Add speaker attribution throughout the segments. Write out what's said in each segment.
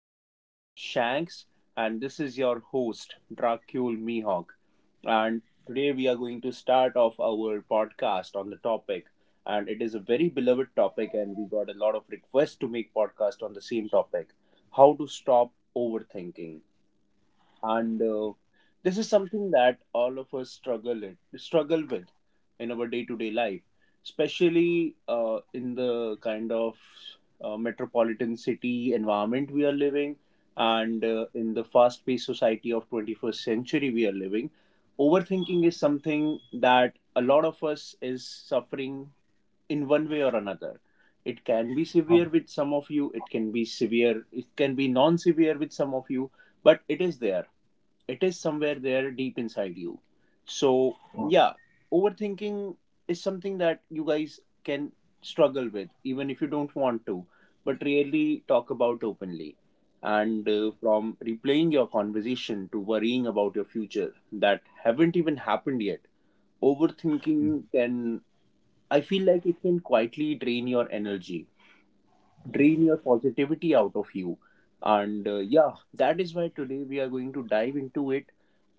Speaker 1: with us, Shanks, and this is your host, Dracul Mihawk. And today we are going to start off our podcast on the topic, and it is a very beloved topic, and we got a lot of requests to make podcast on the same topic: how to stop overthinking. And This is something that all of us struggle with in our day-to-day life, especially in the kind of metropolitan city environment we are living, and in the fast-paced society of 21st century we are living. Overthinking is something that a lot of us is suffering, in one way or another. It can be severe with some of you, it can be severe, it can be non severe with some of you, but it is there. It is somewhere there deep inside you. So yeah, overthinking is something that you guys can struggle with even if you don't want to, but really talk about openly. And From replaying your conversation to worrying about your future that haven't even happened yet, overthinking can, I feel like it can quietly drain your energy, drain your positivity out of you. And yeah, that is why today we are going to dive into it,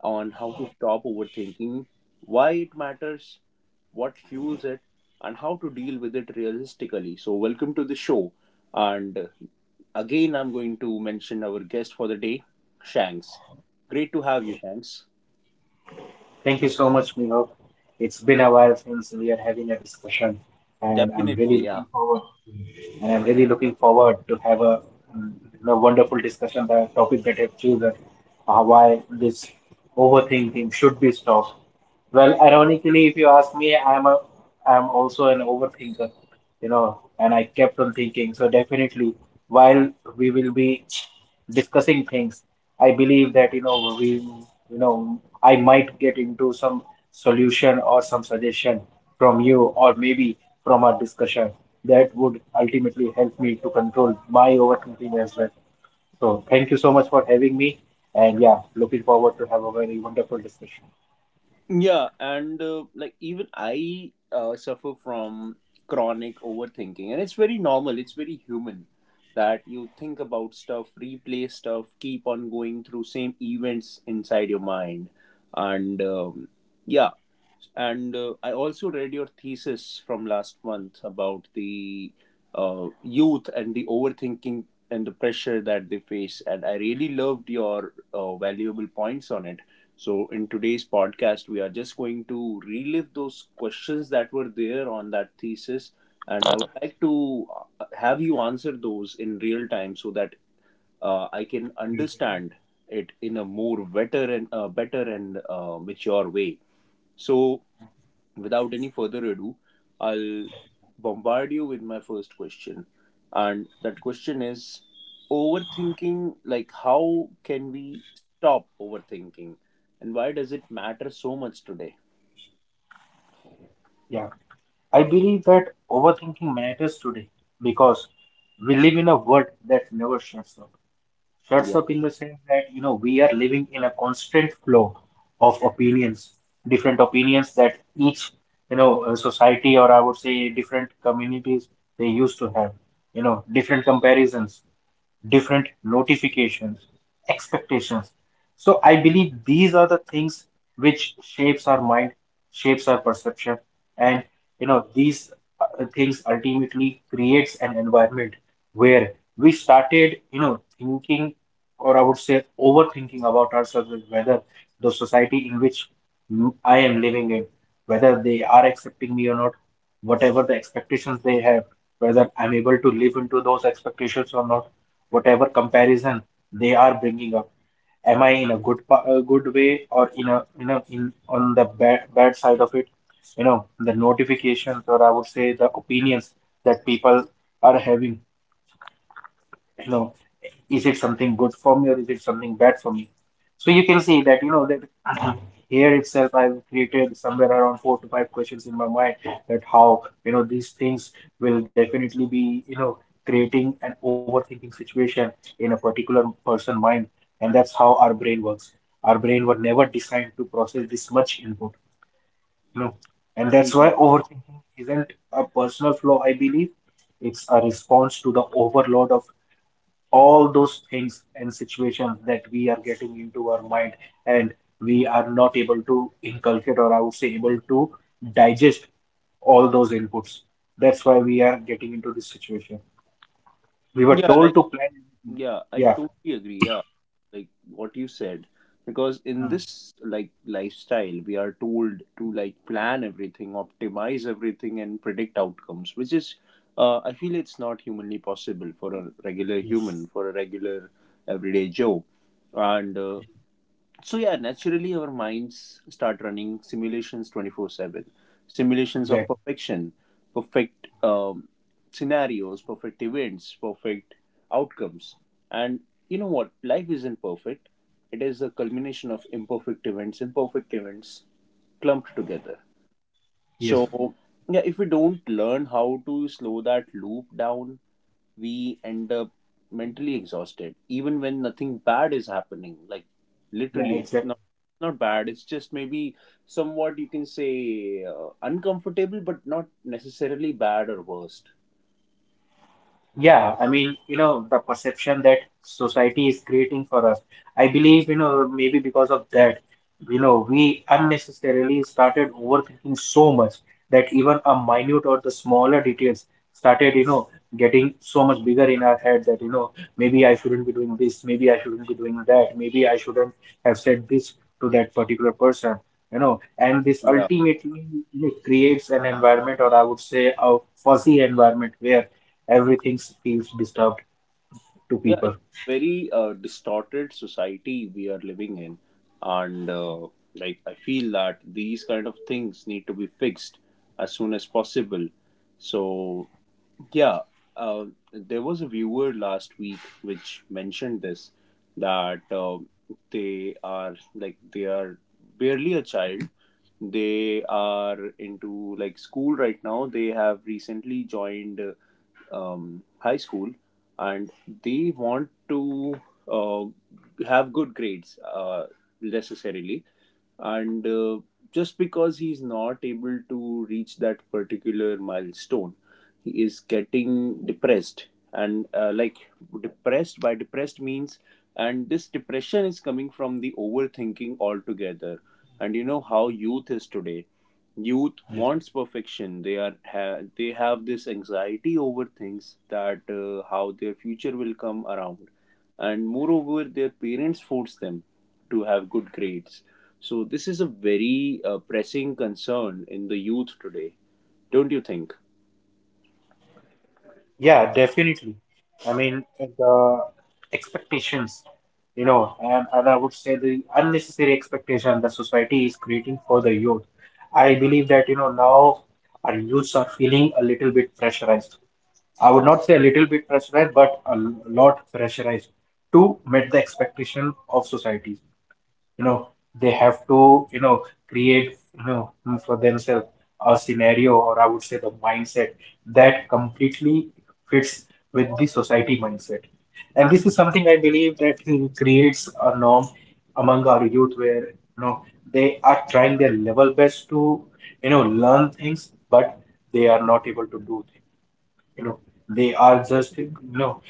Speaker 1: on how to stop overthinking, why it matters, what fuels it, and how to deal with it realistically. So welcome to the show. And Again, I'm going to mention our guest for the day, Shanks. Great to have you, Shanks.
Speaker 2: Thank you so much, Nino. It's been a while since we are having a discussion, and I'm really
Speaker 1: Definitely. Yeah.
Speaker 2: looking forward. And I'm really looking forward to have um, a wonderful discussion. The topic that I've chosen, why this overthinking should be stopped. Well, ironically, if you ask me, I'm also an overthinker, you know, and I kept on thinking. So definitely, while we will be discussing things. I believe that you know we you know I might get into some solution or some suggestion from you, or maybe from our discussion, that would ultimately help me to control my overthinking as well. So thank you so much for having me, and yeah, looking forward to have a very wonderful discussion.
Speaker 1: Yeah, and like even I suffer from chronic overthinking, and it's very normal, it's very human that you think about stuff, replay stuff, keep on going through same events inside your mind, and yeah, and I also read your thesis from last month about the youth and the overthinking and the pressure that they face. And I really loved your valuable points on it. So, in today's podcast, we are just going to relive those questions that were there on that thesis. And I would like to have you answer those in real time, so that I can understand it in a more better and better and mature way. So without any further ado, I'll bombard you with my first question. And that question is, overthinking, like, how can we stop overthinking? And why does it matter so much today?
Speaker 2: Yeah. I believe that overthinking matters today because we live in a world that never shuts up. Shuts
Speaker 1: Yeah.
Speaker 2: up in the sense that, you know, we are living in a constant flow of opinions, different opinions that each, you know, society, or I would say different communities, they used to have, you know, different comparisons, different notifications, expectations. So I believe these are the things which shapes our mind, shapes our perception, and, you know, these things ultimately creates an environment where we started, you know, thinking, or I would say overthinking about ourselves, is whether the society in which I am living in, whether they are accepting me or not, whatever the expectations they have, whether I'm able to live into those expectations or not, whatever comparison they are bringing up, am I in a good a good way, or in a, you know, in on the bad side of it, you know, the notifications, or I would say the opinions that people are having, you know, is it something good for me, or is it something bad for me? So you can see that, you know, that here itself I've created somewhere around 4 to 5 questions in my mind, that how, you know, these things will definitely be, you know, creating an overthinking situation in a particular person mind. And that's how our brain works. Our brain were never designed to process this much input, you know, and that's why
Speaker 1: Mhm.
Speaker 2: overthinking isn't a personal flaw, I believe. It's a response to the overload of all those things and situations that we are getting into our mind, and we are not able to inculcate, or I would say able to digest all those inputs. That's why we are getting into this situation. We were
Speaker 1: Yeah.
Speaker 2: told to plan everything.
Speaker 1: Yeah, I
Speaker 2: Yeah.
Speaker 1: totally agree. Yeah, like what you said, because in
Speaker 2: Uh,
Speaker 1: this like lifestyle, we are told to like plan everything, optimize everything, and predict outcomes, which is, I feel it's not humanly possible for a regular
Speaker 2: yes.
Speaker 1: human, for a regular everyday Joe, and so yeah, naturally our minds start running simulations 24/7, simulations of
Speaker 2: Exactly.
Speaker 1: perfection, perfect scenarios, perfect events, perfect outcomes. And you know what, life isn't perfect. It is a culmination of imperfect events, imperfect events clumped together.
Speaker 2: Yes.
Speaker 1: So, yeah, if we don't learn how to slow that loop down, we end up mentally exhausted, even when nothing bad is happening. Like,
Speaker 2: Yeah.
Speaker 1: literally, it's
Speaker 2: Exactly.
Speaker 1: not bad. It's just maybe somewhat you can say uncomfortable, but not necessarily bad or worst.
Speaker 2: Yeah, I mean, you know, the perception that society is creating for us. I believe, you know, maybe because of that, you know, we unnecessarily started overthinking so much that even a minute or the smaller details started, you know, getting so much bigger in our head that, you know, maybe I shouldn't be doing this, maybe I shouldn't be doing that, maybe I shouldn't have said this to that particular person, you know, and this
Speaker 1: Yeah.
Speaker 2: ultimately, you know, creates an environment, or I would say a fuzzy environment, where everything feels disturbed to
Speaker 1: Yeah, it's
Speaker 2: people.
Speaker 1: a very distorted society we are living in, and like I feel that these kind of things need to be fixed as soon as possible. So yeah, uh, there was a viewer last week which mentioned this, that they are like they are barely a child. They are into like school right now. They have recently joined high school, and they want to uh, have good grades necessarily. And Just because he's not able to reach that particular milestone, he is getting depressed. And Like, depressed by depressed means, and this depression is coming from the overthinking altogether. And you know how youth is today. Youth
Speaker 2: Yes.
Speaker 1: wants perfection. They have this anxiety over things, that how their future will come around. And moreover their parents force them to have good grades. So this is a very pressing concern in the youth today, don't you think?
Speaker 2: Yeah, definitely. I mean, the expectations, you know, and I would say the unnecessary expectation that society is creating for the youth. I believe that, you know, now our youths are feeling a little bit pressurized. I would not say a little bit pressurized, but a lot pressurized, to meet the expectation of society. You know, they have to, you know, create, you know, for themselves a scenario, or I would say the mindset, that completely fits with the society mindset. And this is something I believe that creates a norm among our youth, where, you know, they are trying their level best to, you know, learn things, but they are not able to do things. You know, they are just, you know,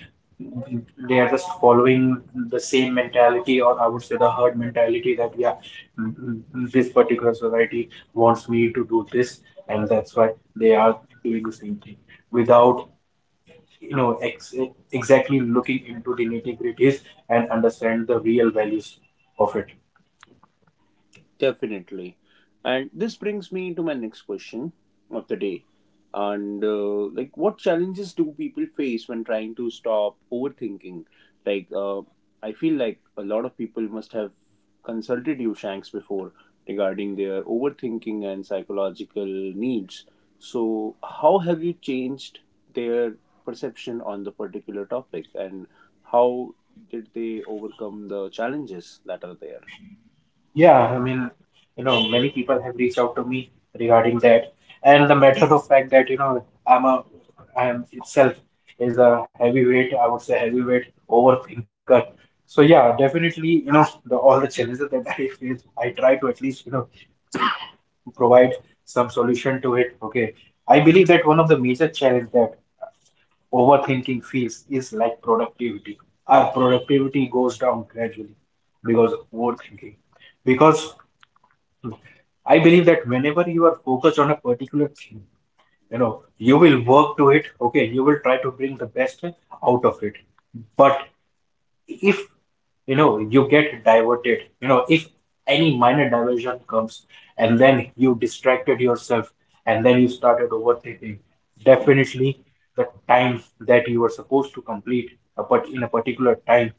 Speaker 2: they are just following the same mentality, or I would say the herd mentality, that yeah, this particular society wants me to do this, and that's why they are doing the same thing without, you know, exactly looking into the nitty-gritties and understand the real values of it.
Speaker 1: Definitely. And this brings me to my next question of the day. And Like, what challenges do people face when trying to stop overthinking? Like, I feel like a lot of people must have consulted you, Shanks, before, regarding their overthinking and psychological needs. So, how have you changed their perception on the particular topic, and how did they overcome the challenges that are there?
Speaker 2: Yeah, I mean, you know, many people have reached out to me regarding that, and the matter of fact that, you know, I'm a I am itself is a heavyweight, I would say heavyweight overthinker. So yeah, definitely, you know, the all the challenges that I face, I try to at least, you know, provide some solution to it. Okay, I believe that one of the major challenge that overthinking feels is like productivity. Our productivity goes down gradually because of overthinking. Because I believe that whenever you are focused on a particular thing, you know, you will work to it, okay, you will try to bring the best out of it. But if, you know, you get diverted, you know, if any minor diversion comes, and then you distracted yourself, and then you started overthinking, definitely the time that you were supposed to complete a in a particular time,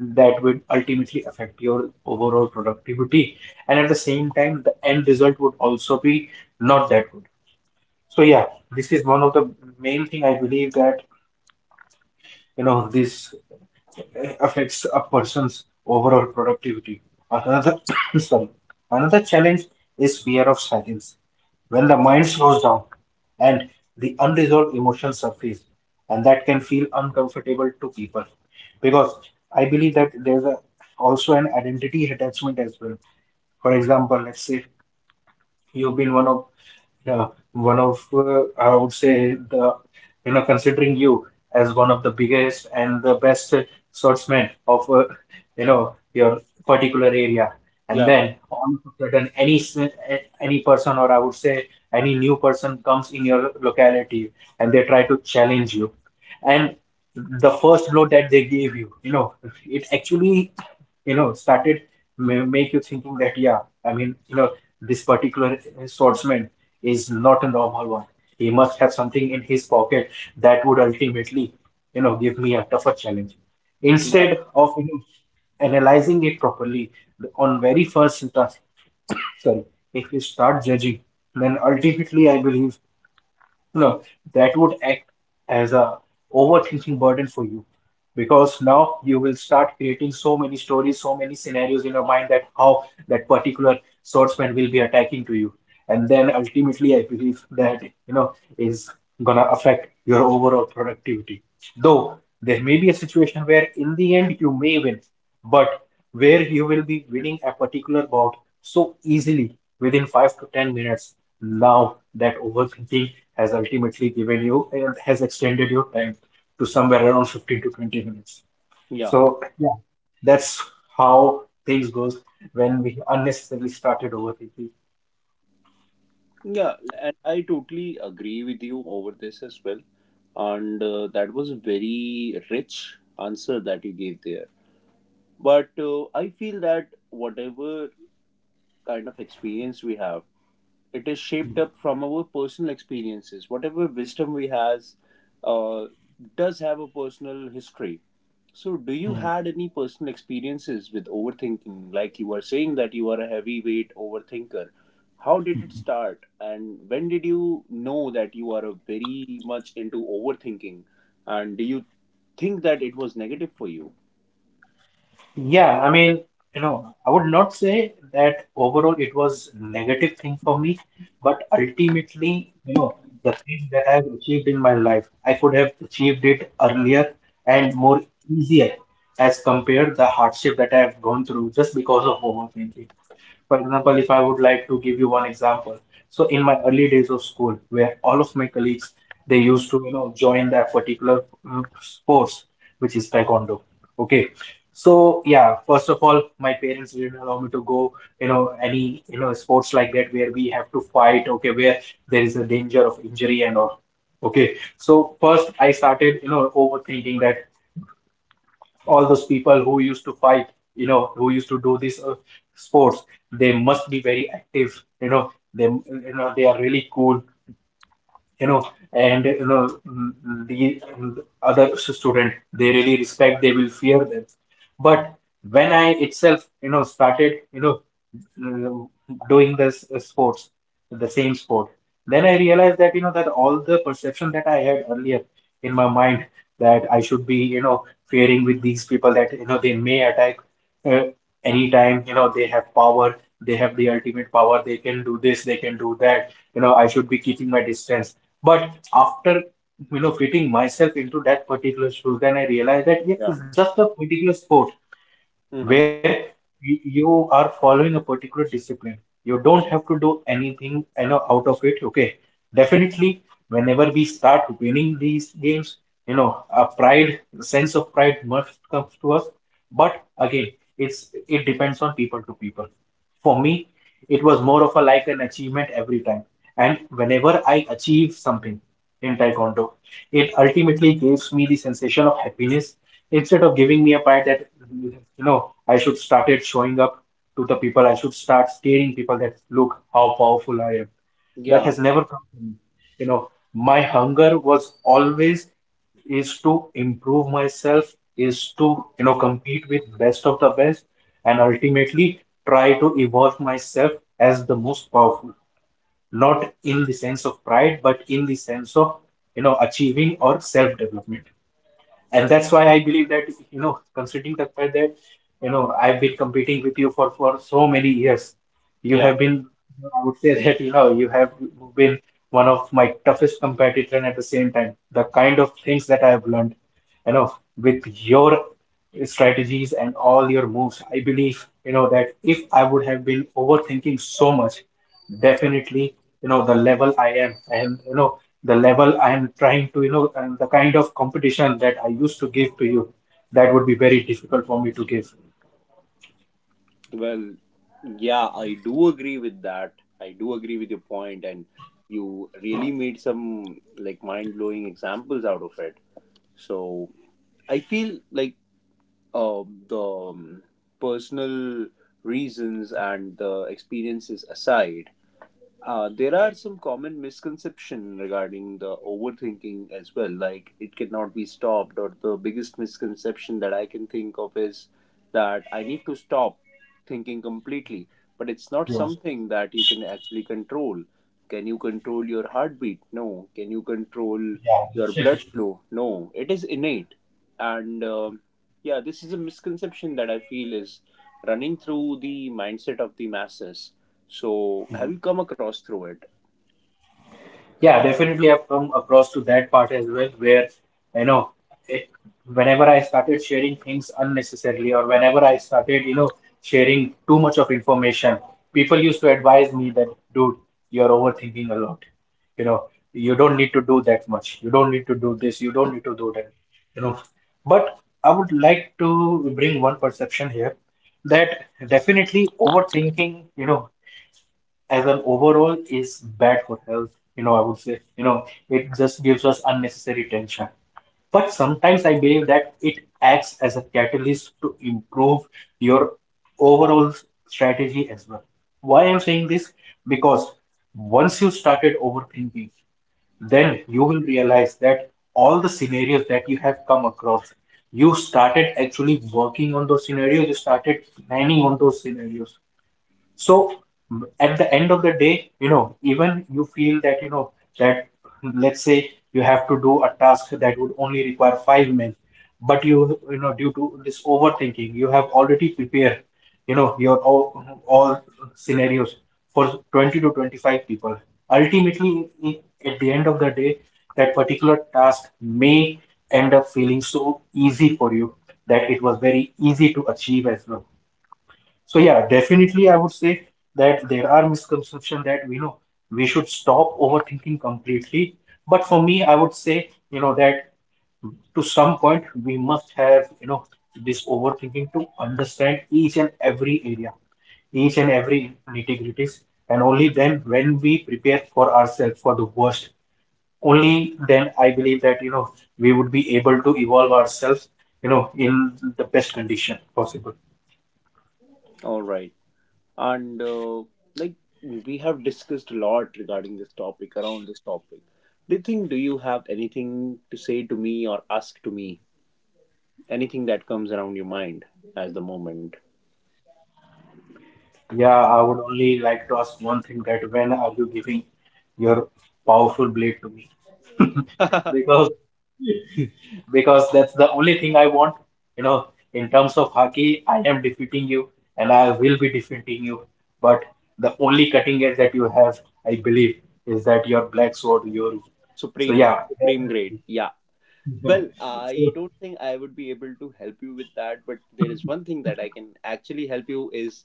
Speaker 2: that would ultimately affect your overall productivity, and at the same time the end result would also be not that good. So yeah, this is one of the main thing I believe that, you know, this affects a person's overall productivity. Another sorry, another challenge is fear of silence. When the mind slows down, and the unresolved emotions surface, and that can feel uncomfortable to people. Because I believe that there's a, also an identity attachment as well. For example, let's say you've been one of, yeah, one of, I would say, the, you know, considering you as one of the biggest and the best swordsman of, you know, your particular area, and
Speaker 1: Yeah,
Speaker 2: then all of a sudden any any person, or I would say any new person, comes in your locality, and they try to challenge you, and the first blow that they gave you, you know, it actually, you know, started make you thinking that yeah, I mean, you know, this particular swordsman is not a normal one, he must have something in his pocket that would ultimately, you know, give me a tougher challenge
Speaker 1: yeah,
Speaker 2: instead of, you know, analyzing it properly on very first task. Sorry, if you start judging, then ultimately I believe, no, no, that would act as a overthinking burden for you, because now you will start creating so many stories, so many scenarios in your mind, that how that particular swordsman will be attacking to you. And then ultimately, I believe that, you know, is gonna affect your overall productivity. Though there may be a situation where in the end you may win, but where you will be winning a particular bout so easily within 5 to 10 minutes, now that overthinking has ultimately given you, has extended your time to somewhere around 15 to 20 minutes.
Speaker 1: yeah.
Speaker 2: So yeah, that's how things goes when we unnecessarily started overthinking.
Speaker 1: Yeah, and I totally agree with you over this as well. And That was a very rich answer that you gave there. But I feel that whatever kind of experience we have, it is shaped up from our personal experiences. Whatever wisdom we has uh, does have a personal history. So do you
Speaker 2: Hmm.
Speaker 1: had any personal experiences with overthinking, like you were saying that you are a heavyweight overthinker? How did it start, and when did you know that you are a very much into overthinking? And do you think that it was negative for you?
Speaker 2: Yeah, I mean, you know, I would not say that overall it was negative thing for me, but ultimately, you know, the things that I have achieved in my life, I could have achieved it earlier and more easier as compared the hardship that I have gone through just because of overthinking. For example, if I would like to give you one example. So in my early days of school, where all of my colleagues, they used to, you know, join that particular sports, which is taekwondo. Okay. So yeah, first of all, my parents didn't allow me to go, you know, any, you know, sports like that where we have to fight, okay, where there is a danger of injury and all. Okay. So first I started, you know, overthinking that all those people who used to fight, you know, who used to do these sports, they must be very active, you know, they are really cool, you know, and you know, mm, mm, the mm, other student they really respect, they will fear them. But when I itself, you know, started, you know, mm, doing this sports, the same sport, then I realized that, you know, that all the perception that I had earlier in my mind, that I should be, you know, fearing with these people, that, you know, they may attack, uh, anytime, you know, they have power, they have the ultimate power, they can do this, they can do that, you know, I should be keeping my distance. But after, you know, fitting myself into that particular shoe, then I realized that yes,
Speaker 1: Yeah.
Speaker 2: it's just a particular sport
Speaker 1: Mm-hmm.
Speaker 2: where you are following a particular discipline. You don't have to do anything, you know, out of it. Okay. Definitely, whenever we start winning these games, you know, a pride, sense of pride must comes to us. But again, it depends on people to people. For me, it was more of a like an achievement every time. And whenever I achieve something in Taekwondo, it ultimately gives me the sensation of happiness instead of giving me a pride that you know I should started showing up to the people, I should start scaring people that look how powerful I am. That
Speaker 1: Yeah.
Speaker 2: has never come to me. You know, my hunger was always is to improve myself, is to you know compete with best of the best, and ultimately try to evolve myself as the most powerful. Not in the sense of pride, but in the sense of you know achieving or self-development. And that's why I believe that, you know, considering the fact that, you know, I've been competing with you for so many years, you
Speaker 1: Yeah.
Speaker 2: have been, I would say that, you know, you have been one of my toughest competitor and at the same time, the kind of things that I have learned, you know, with your strategies and all your moves, I believe, you know, that if I would have been overthinking so much, definitely you know the level I am and you know the level I am trying to you know and the kind of competition that I used to give to you that would be very difficult for me to give.
Speaker 1: Well, yeah, I do agree with that. I do agree with your point, and you really made some like mind blowing examples out of it. So I feel like the personal reasons and the experiences aside, there are some common misconception regarding the overthinking as well. Like it cannot be stopped, or the biggest misconception that I can think of is that I need to stop thinking completely. But it's not
Speaker 2: Yeah,
Speaker 1: something that you can actually control. Can you control your heartbeat? No. Can you control your
Speaker 2: yeah.
Speaker 1: blood flow? No. It is innate. And yeah, this is a misconception that I feel is running through the mindset of the masses. So have you come across through it?
Speaker 2: Yeah, definitely I've come across to that part as well where, you know, it, whenever I started sharing things unnecessarily or whenever I started, you know, sharing too much of information, people used to advise me that, dude, you're overthinking a lot. You know, you don't need to do that much. You don't need to do this. You don't need to do that. You know, but I would like to bring one perception here that definitely overthinking, you know, as an overall is bad for health. You know, I would say, you know, it just gives us unnecessary tension. But sometimes I believe that it acts as a catalyst to improve your overall strategy as well. Why I'm saying this? Because once you started overthinking, then you will realize that all the scenarios that you have come across, you started actually working on those scenarios, you started planning on those scenarios. So at the end of the day, you know, even you feel that, you know, that let's say you have to do a task that would only require 5 minutes, but you, due to this overthinking, you have already prepared, you know, your all scenarios for 20 to 25 people. Ultimately, at the end of the day, that particular task may end up feeling so easy for you that it was very easy to achieve as well. So yeah, definitely I would say that there are misconceptions that we know we should stop overthinking completely. But for me, I would say, you know, that to some point we must have, you know, this overthinking to understand each and every area, each and every nitty-gritties, and only then when we prepare for ourselves for the worst, only then I believe that, you know, we would be able to evolve ourselves, you know, in the best condition possible.
Speaker 1: All right. and Like, we have discussed a lot regarding this topic, around this topic. Do you think, do you have anything to say to me or ask to me, anything that comes around your mind as the moment?
Speaker 2: Yeah, I would only like to ask one thing that when are you giving your powerful blade to me? Because because that's the only thing I want. You know, in terms of hockey, I am defeating you and I will be defeating you. But the only cutting edge that you have, I believe, is that your black sword, Yori. So
Speaker 1: supreme
Speaker 2: yeah.
Speaker 1: supreme grade, yeah. Well, I don't think I would be able to help you with that, but there is one thing that I can actually help you is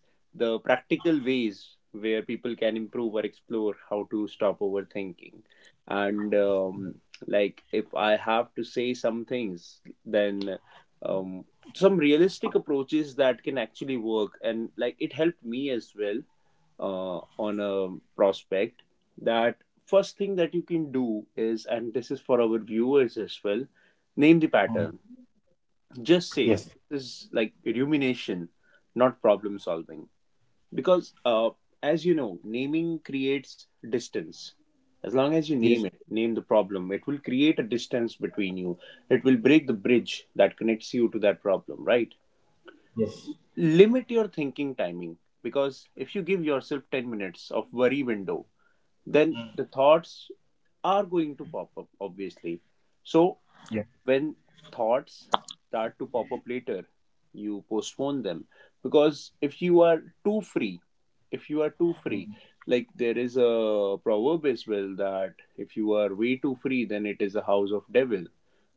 Speaker 1: the practical ways where people can improve or explore how to stop overthinking. And Like, if I have to say some things, then um, some realistic approaches that can actually work. And like it helped me as well, on a prospect, that first thing that you can do is, and this is for our viewers as well, name the
Speaker 2: Mm.
Speaker 1: pattern. Just say,
Speaker 2: Yes,
Speaker 1: this is like rumination, not problem solving. Because as you know, naming creates distance. As long as you
Speaker 2: yes,
Speaker 1: name it, name the problem, it will create a distance between you, it will break the bridge that connects you to that problem, right?
Speaker 2: yes.
Speaker 1: Limit your thinking timing. Because if you give yourself 10 minutes of worry window, then
Speaker 2: Mm.
Speaker 1: the thoughts are going to pop up obviously. So
Speaker 2: Yeah.
Speaker 1: when thoughts start to pop up later, you postpone them. Because if you are too free too free,
Speaker 2: Mm.
Speaker 1: like there is a proverb as well, that if you are way too free, then it is a house of devil.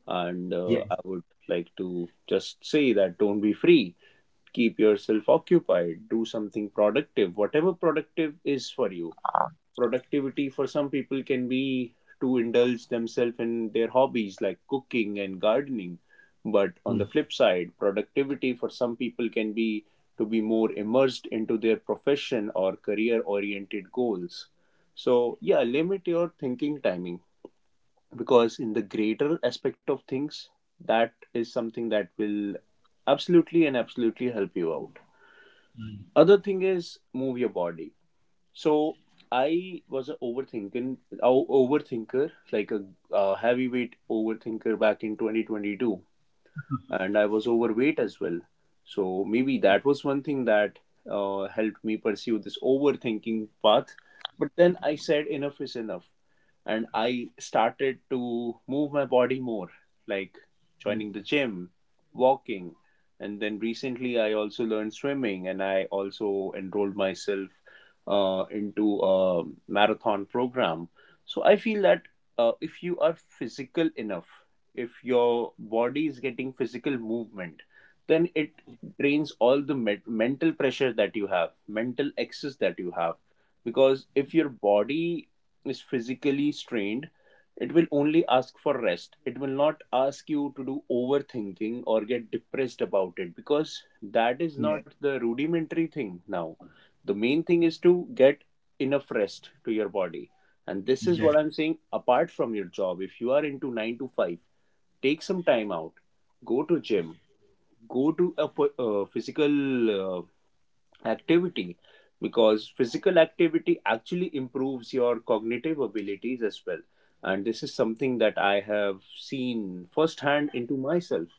Speaker 1: And
Speaker 2: Yeah.
Speaker 1: I would like to just say that don't be free. Keep yourself occupied, do something productive, whatever productive is for you. Productivity for some people can be to indulge themselves in their hobbies like cooking and gardening. But on
Speaker 2: Mm,
Speaker 1: the flip side, productivity for some people can be to be more immersed into their profession or career oriented goals. So yeah, limit your thinking timing, because in the greater aspect of things, that is something that will absolutely and absolutely help you out.
Speaker 2: mm,
Speaker 1: Other thing is, move your body. So I was an overthinker, like a, heavyweight overthinker back in 2022, and I was overweight as well. So maybe that was one thing that helped me pursue this overthinking path. But then I said enough is enough, and I started to move my body more, like
Speaker 2: mm.
Speaker 1: joining the gym, walking, and then recently I also learned swimming, and I also enrolled myself into a marathon program. So I feel that if you are physical enough, if your body is getting physical movement, then it drains all the mental pressure that you have, mental excess that you have. Because if your body is physically strained, it will only ask for rest. It will not ask you to do overthinking or get depressed about it, because that is
Speaker 2: Yeah.
Speaker 1: not the rudimentary thing. Now the main thing is to get enough rest to your body, and this is what I'm saying. Apart from your job, if you are into 9 to 5, take some time out, go to gym, go to a physical activity, because physical activity actually improves your cognitive abilities as well. And this is something that I have seen firsthand into myself.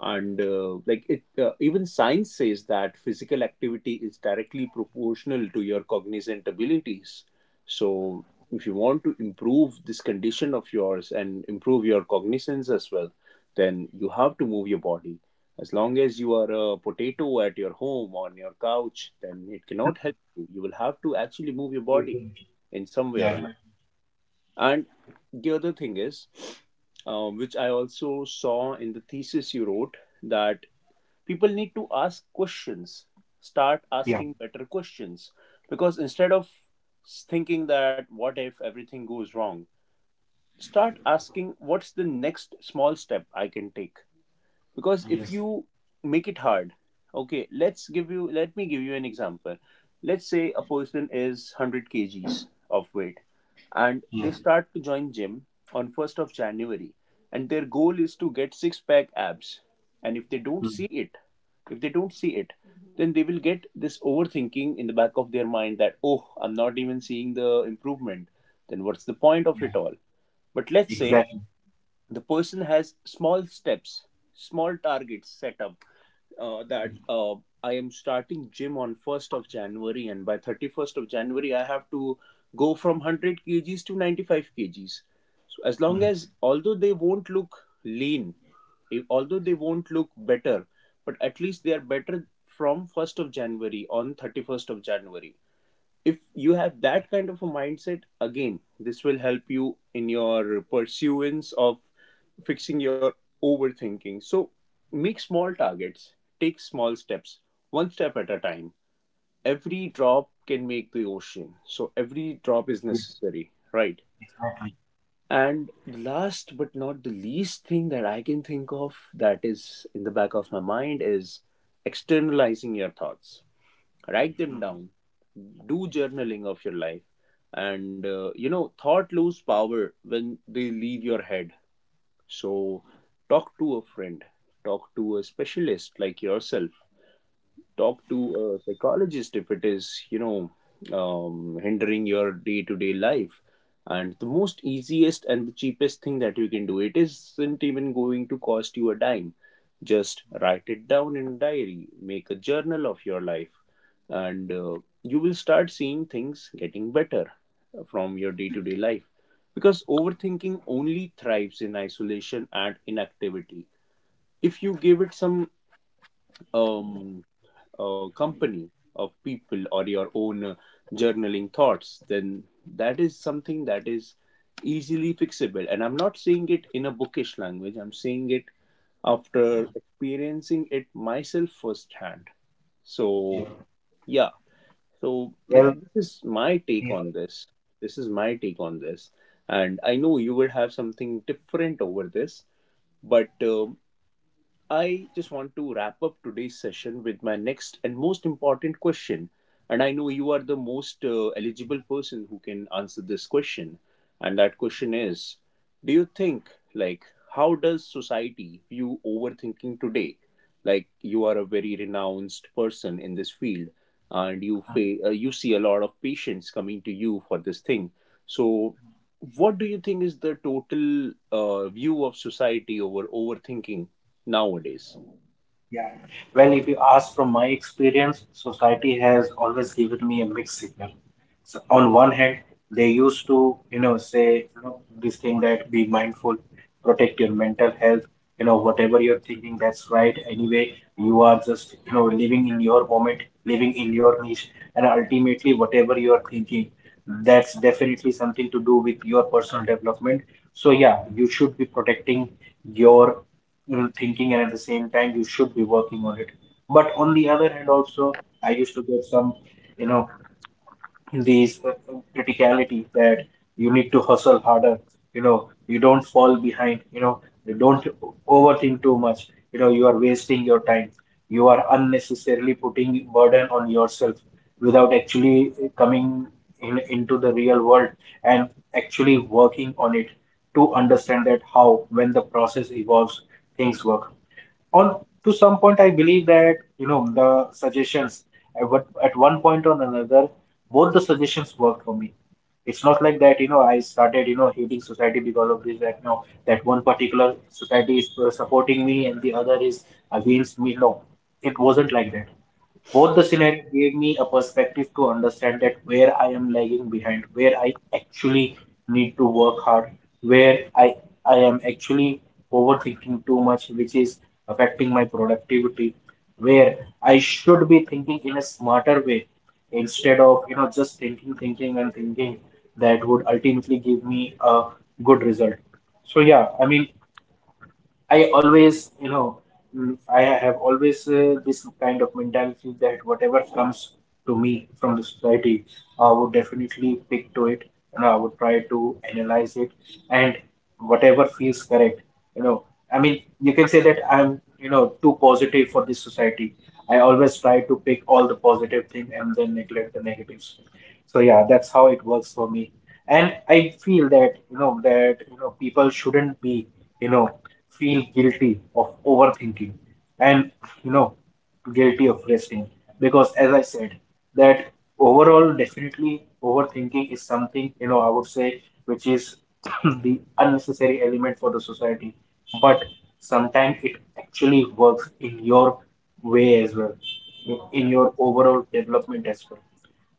Speaker 1: And like it, even science says that physical activity is directly proportional to your cognizant abilities. So if you want to improve this condition of yours and improve your cognizance as well, then you have to move your body. As long as you are a potato at your home on your couch, then it cannot help you. You will have to actually move your body
Speaker 2: Exactly.
Speaker 1: in some way or
Speaker 2: Yeah,
Speaker 1: another.
Speaker 2: that-
Speaker 1: And the other thing is, which I also saw in the thesis you wrote, that people need to ask questions, start
Speaker 2: yeah,
Speaker 1: asking better questions. Because instead of thinking that what if everything goes wrong, start asking, what's the next small step I can take? Because if
Speaker 2: yes,
Speaker 1: you make it hard, okay, let me give you an example. Let's say a person is 100 kgs of weight and they
Speaker 2: yes,
Speaker 1: start to join gym on 1st of January, and their goal is to get six pack abs, and if they don't
Speaker 2: mm,
Speaker 1: see it, if they don't see it, then they will get this overthinking in the back of their mind that, oh, I'm not even seeing the improvement, then what's the point of
Speaker 2: yeah,
Speaker 1: it all? But let's say
Speaker 2: exactly.
Speaker 1: the person has small steps, small targets set up,
Speaker 2: Mm,
Speaker 1: that I am starting gym on 1st of January, and by 31st of January I have to go from 100 kgs to 95 kgs. So as long as,
Speaker 2: mm,
Speaker 1: although they won't look lean, although they won't look better, but at least they are better from 1st of January on 31st of January. If you have that kind of a mindset, again, this will help you in your pursuance of fixing your overthinking. So make small targets, take small steps, one step at a time. Every drop can make the ocean, so every drop
Speaker 2: yes,
Speaker 1: is necessary, right?
Speaker 2: exactly.
Speaker 1: And last but not the least thing that I can think of, that is in the back of my mind, is externalizing your thoughts. Write them down, do journaling of your life. And you know, thought lose power when they leave your head. So talk to a friend, talk to a specialist like yourself, talk to a psychologist if it is, you know, hindering your day-to-day life. And the most easiest and the cheapest thing that you can do, it isn't even going to cost you a dime. Just write it down in a diary, make a journal of your life. And you will start seeing things getting better from your day-to-day life, because overthinking only thrives in isolation and inactivity. If you give it some um, company of people or your own journaling thoughts, then that is something that is easily fixable. And I'm not saying it in a bookish language, I'm saying it after experiencing it myself firsthand.
Speaker 2: Yeah.
Speaker 1: So, yeah, so like,
Speaker 2: Well,
Speaker 1: this is my take
Speaker 2: yeah,
Speaker 1: on this. This is my take on this. And I know you would have something different over this, but I just want to wrap up today's session with my next and most important question. And I know you are the most eligible person who can answer this question. And that question is, do you think, like, how does society view overthinking today? Like, you are a very renounced person in this field, and you,
Speaker 2: mm.
Speaker 1: you see a lot of patients coming to you for this thing. So, what do you think is the total view of society over overthinking nowadays?
Speaker 2: Yeah. Well, if you ask from my experience, society has always given me a mixed signal. So on one hand, they used to, you know, say, you know, this thing that be mindful, protect your mental health, you know, whatever you're thinking, that's right. Anyway, you are just, you know, living in your moment, living in your niche, and ultimately, whatever you are thinking, that's definitely something to do with your personal development. So yeah, you should be protecting your you know, thinking and at the same time you should be working on it, but on the other hand also I used to get some, you know, these criticality that you need to hustle harder, you know, you don't fall behind, you know, you don't overthink too much, you know, you are wasting your time, you are unnecessarily putting burden on yourself without actually coming in, into the real world and actually working on it to understand that how when the process evolves things work on. To some point I believe that you know the suggestions at what at one point or another both the suggestions worked for me. It's not like that you know I started you know hating society because of this that no, that one particular society is supporting me and the other is against me, no, it wasn't like that. Both the scenarios gave me a perspective to understand that where I am lagging behind, where I actually need to work hard, where I am actually overthinking too much, which is affecting my productivity, where I should be thinking in a smarter way instead of you know just thinking, thinking and thinking, that would ultimately give me a good result. So yeah, I mean I always, you know, mm, I have always this kind of mentality that whatever comes to me from the society, I would definitely pick to it, and I would try to analyze it, and whatever feels correct, you know, I mean, you can say that I'm, you know, too positive for this society. I always try to pick all the positive things and then neglect the negatives. So yeah, that's how it works for me, and I feel that you know people shouldn't be, you know, feel guilty of overthinking and, you know, guilty of resting, because as I said that overall definitely overthinking is something, you know, I would say, which is the unnecessary element for the society, but sometimes it actually works in your way as well, in your overall development as well,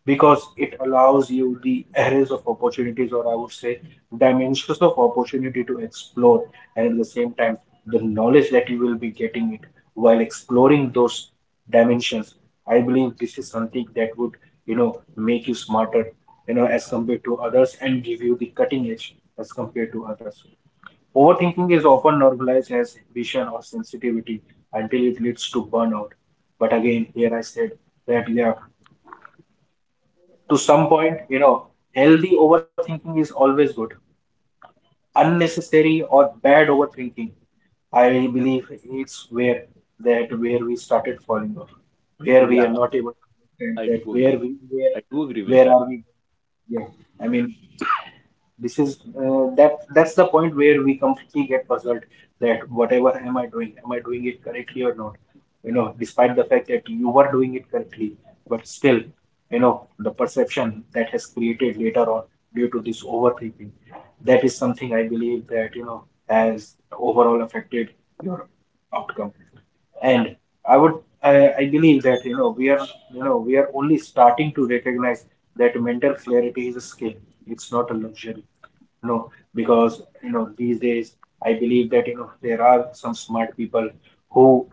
Speaker 2: because it allows you the arrays of opportunities, or I would say dimensions of opportunity to explore, and at the same time, the knowledge that you will be getting it while exploring those dimensions. I believe this is something that would, you know, make you smarter, you know, as compared to others and give you the cutting edge as compared to others. Overthinking is often normalized as vision or sensitivity until it leads to burnout. But again, here I said that yeah, to some point, you know, healthy overthinking is always good. Unnecessary or bad overthinking, I believe it's where, that where we started falling off, where we
Speaker 1: Yeah,
Speaker 2: are not able to understand
Speaker 1: I
Speaker 2: that
Speaker 1: do
Speaker 2: where
Speaker 1: agree.
Speaker 2: we
Speaker 1: I do agree with
Speaker 2: where
Speaker 1: that.
Speaker 2: are we? Yeah, I mean this is that's the point where we completely get puzzled that whatever am I doing, am I doing it correctly or not, you know, despite the fact that you were doing it correctly, but still, you know, the perception that has created later on due to this overthinking, that is something I believe that you know has overall affected your outcome. And I would, I believe that you know we are, you know we are only starting to recognize that mental clarity is a skill, it's not a luxury, no, because you know these days I believe that you know there are some smart people who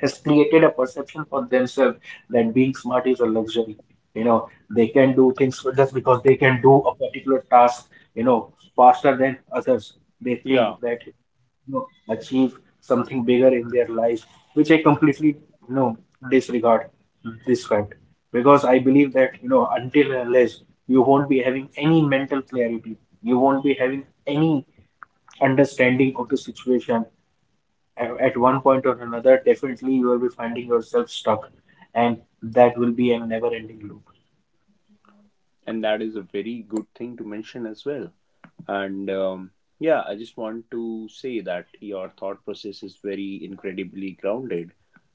Speaker 2: has created a perception for themselves that being smart is a luxury. You know, they can do things just because they can do a particular task, you know, faster than others. They
Speaker 1: Yeah,
Speaker 2: think that you know, achieve something bigger in their life, which I completely you know disregard this fact, because I believe that you know until and unless you won't be having any mental clarity, you won't be having any understanding of the situation, at one point or another, definitely you will be finding yourself stuck, and that will be a never-ending loop.
Speaker 1: and that is a very good thing to mention as well. And yeah, I just want to say that your thought process is very incredibly grounded.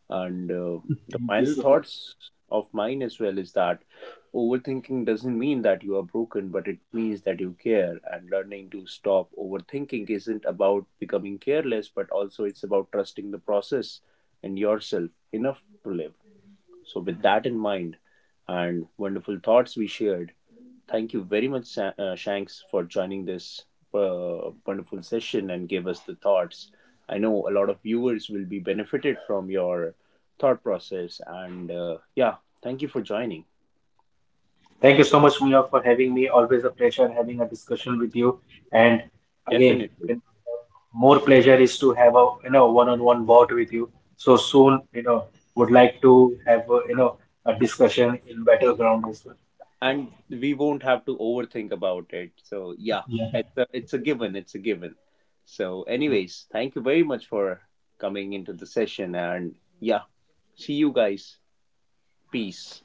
Speaker 1: And the
Speaker 2: Thank you
Speaker 1: final
Speaker 2: so much.
Speaker 1: thoughts of mine as well is that overthinking doesn't mean that you are broken, but it means that you care. And learning to stop overthinking isn't about becoming careless, but also it's about trusting the process and yourself enough to live. So, with that in mind and wonderful thoughts we shared, thank you very much, Shanks, for joining this wonderful session and gave us the thoughts. I know a lot of viewers will be benefited from your thought process, and yeah, thank you for joining.
Speaker 2: Thank you so much, Mia, for having me. Always a pleasure having a discussion with you. And again,
Speaker 1: Definitely,
Speaker 2: more pleasure is to have a you know one-on-one bout with you. So soon, you know, would like to have a, you know, a discussion in better ground as well.
Speaker 1: and we won't have to overthink about it. So yeah,
Speaker 2: Yeah.
Speaker 1: it's a given. It's a given. So, anyways, thank you very much for coming into the session, and yeah, see you guys. Peace.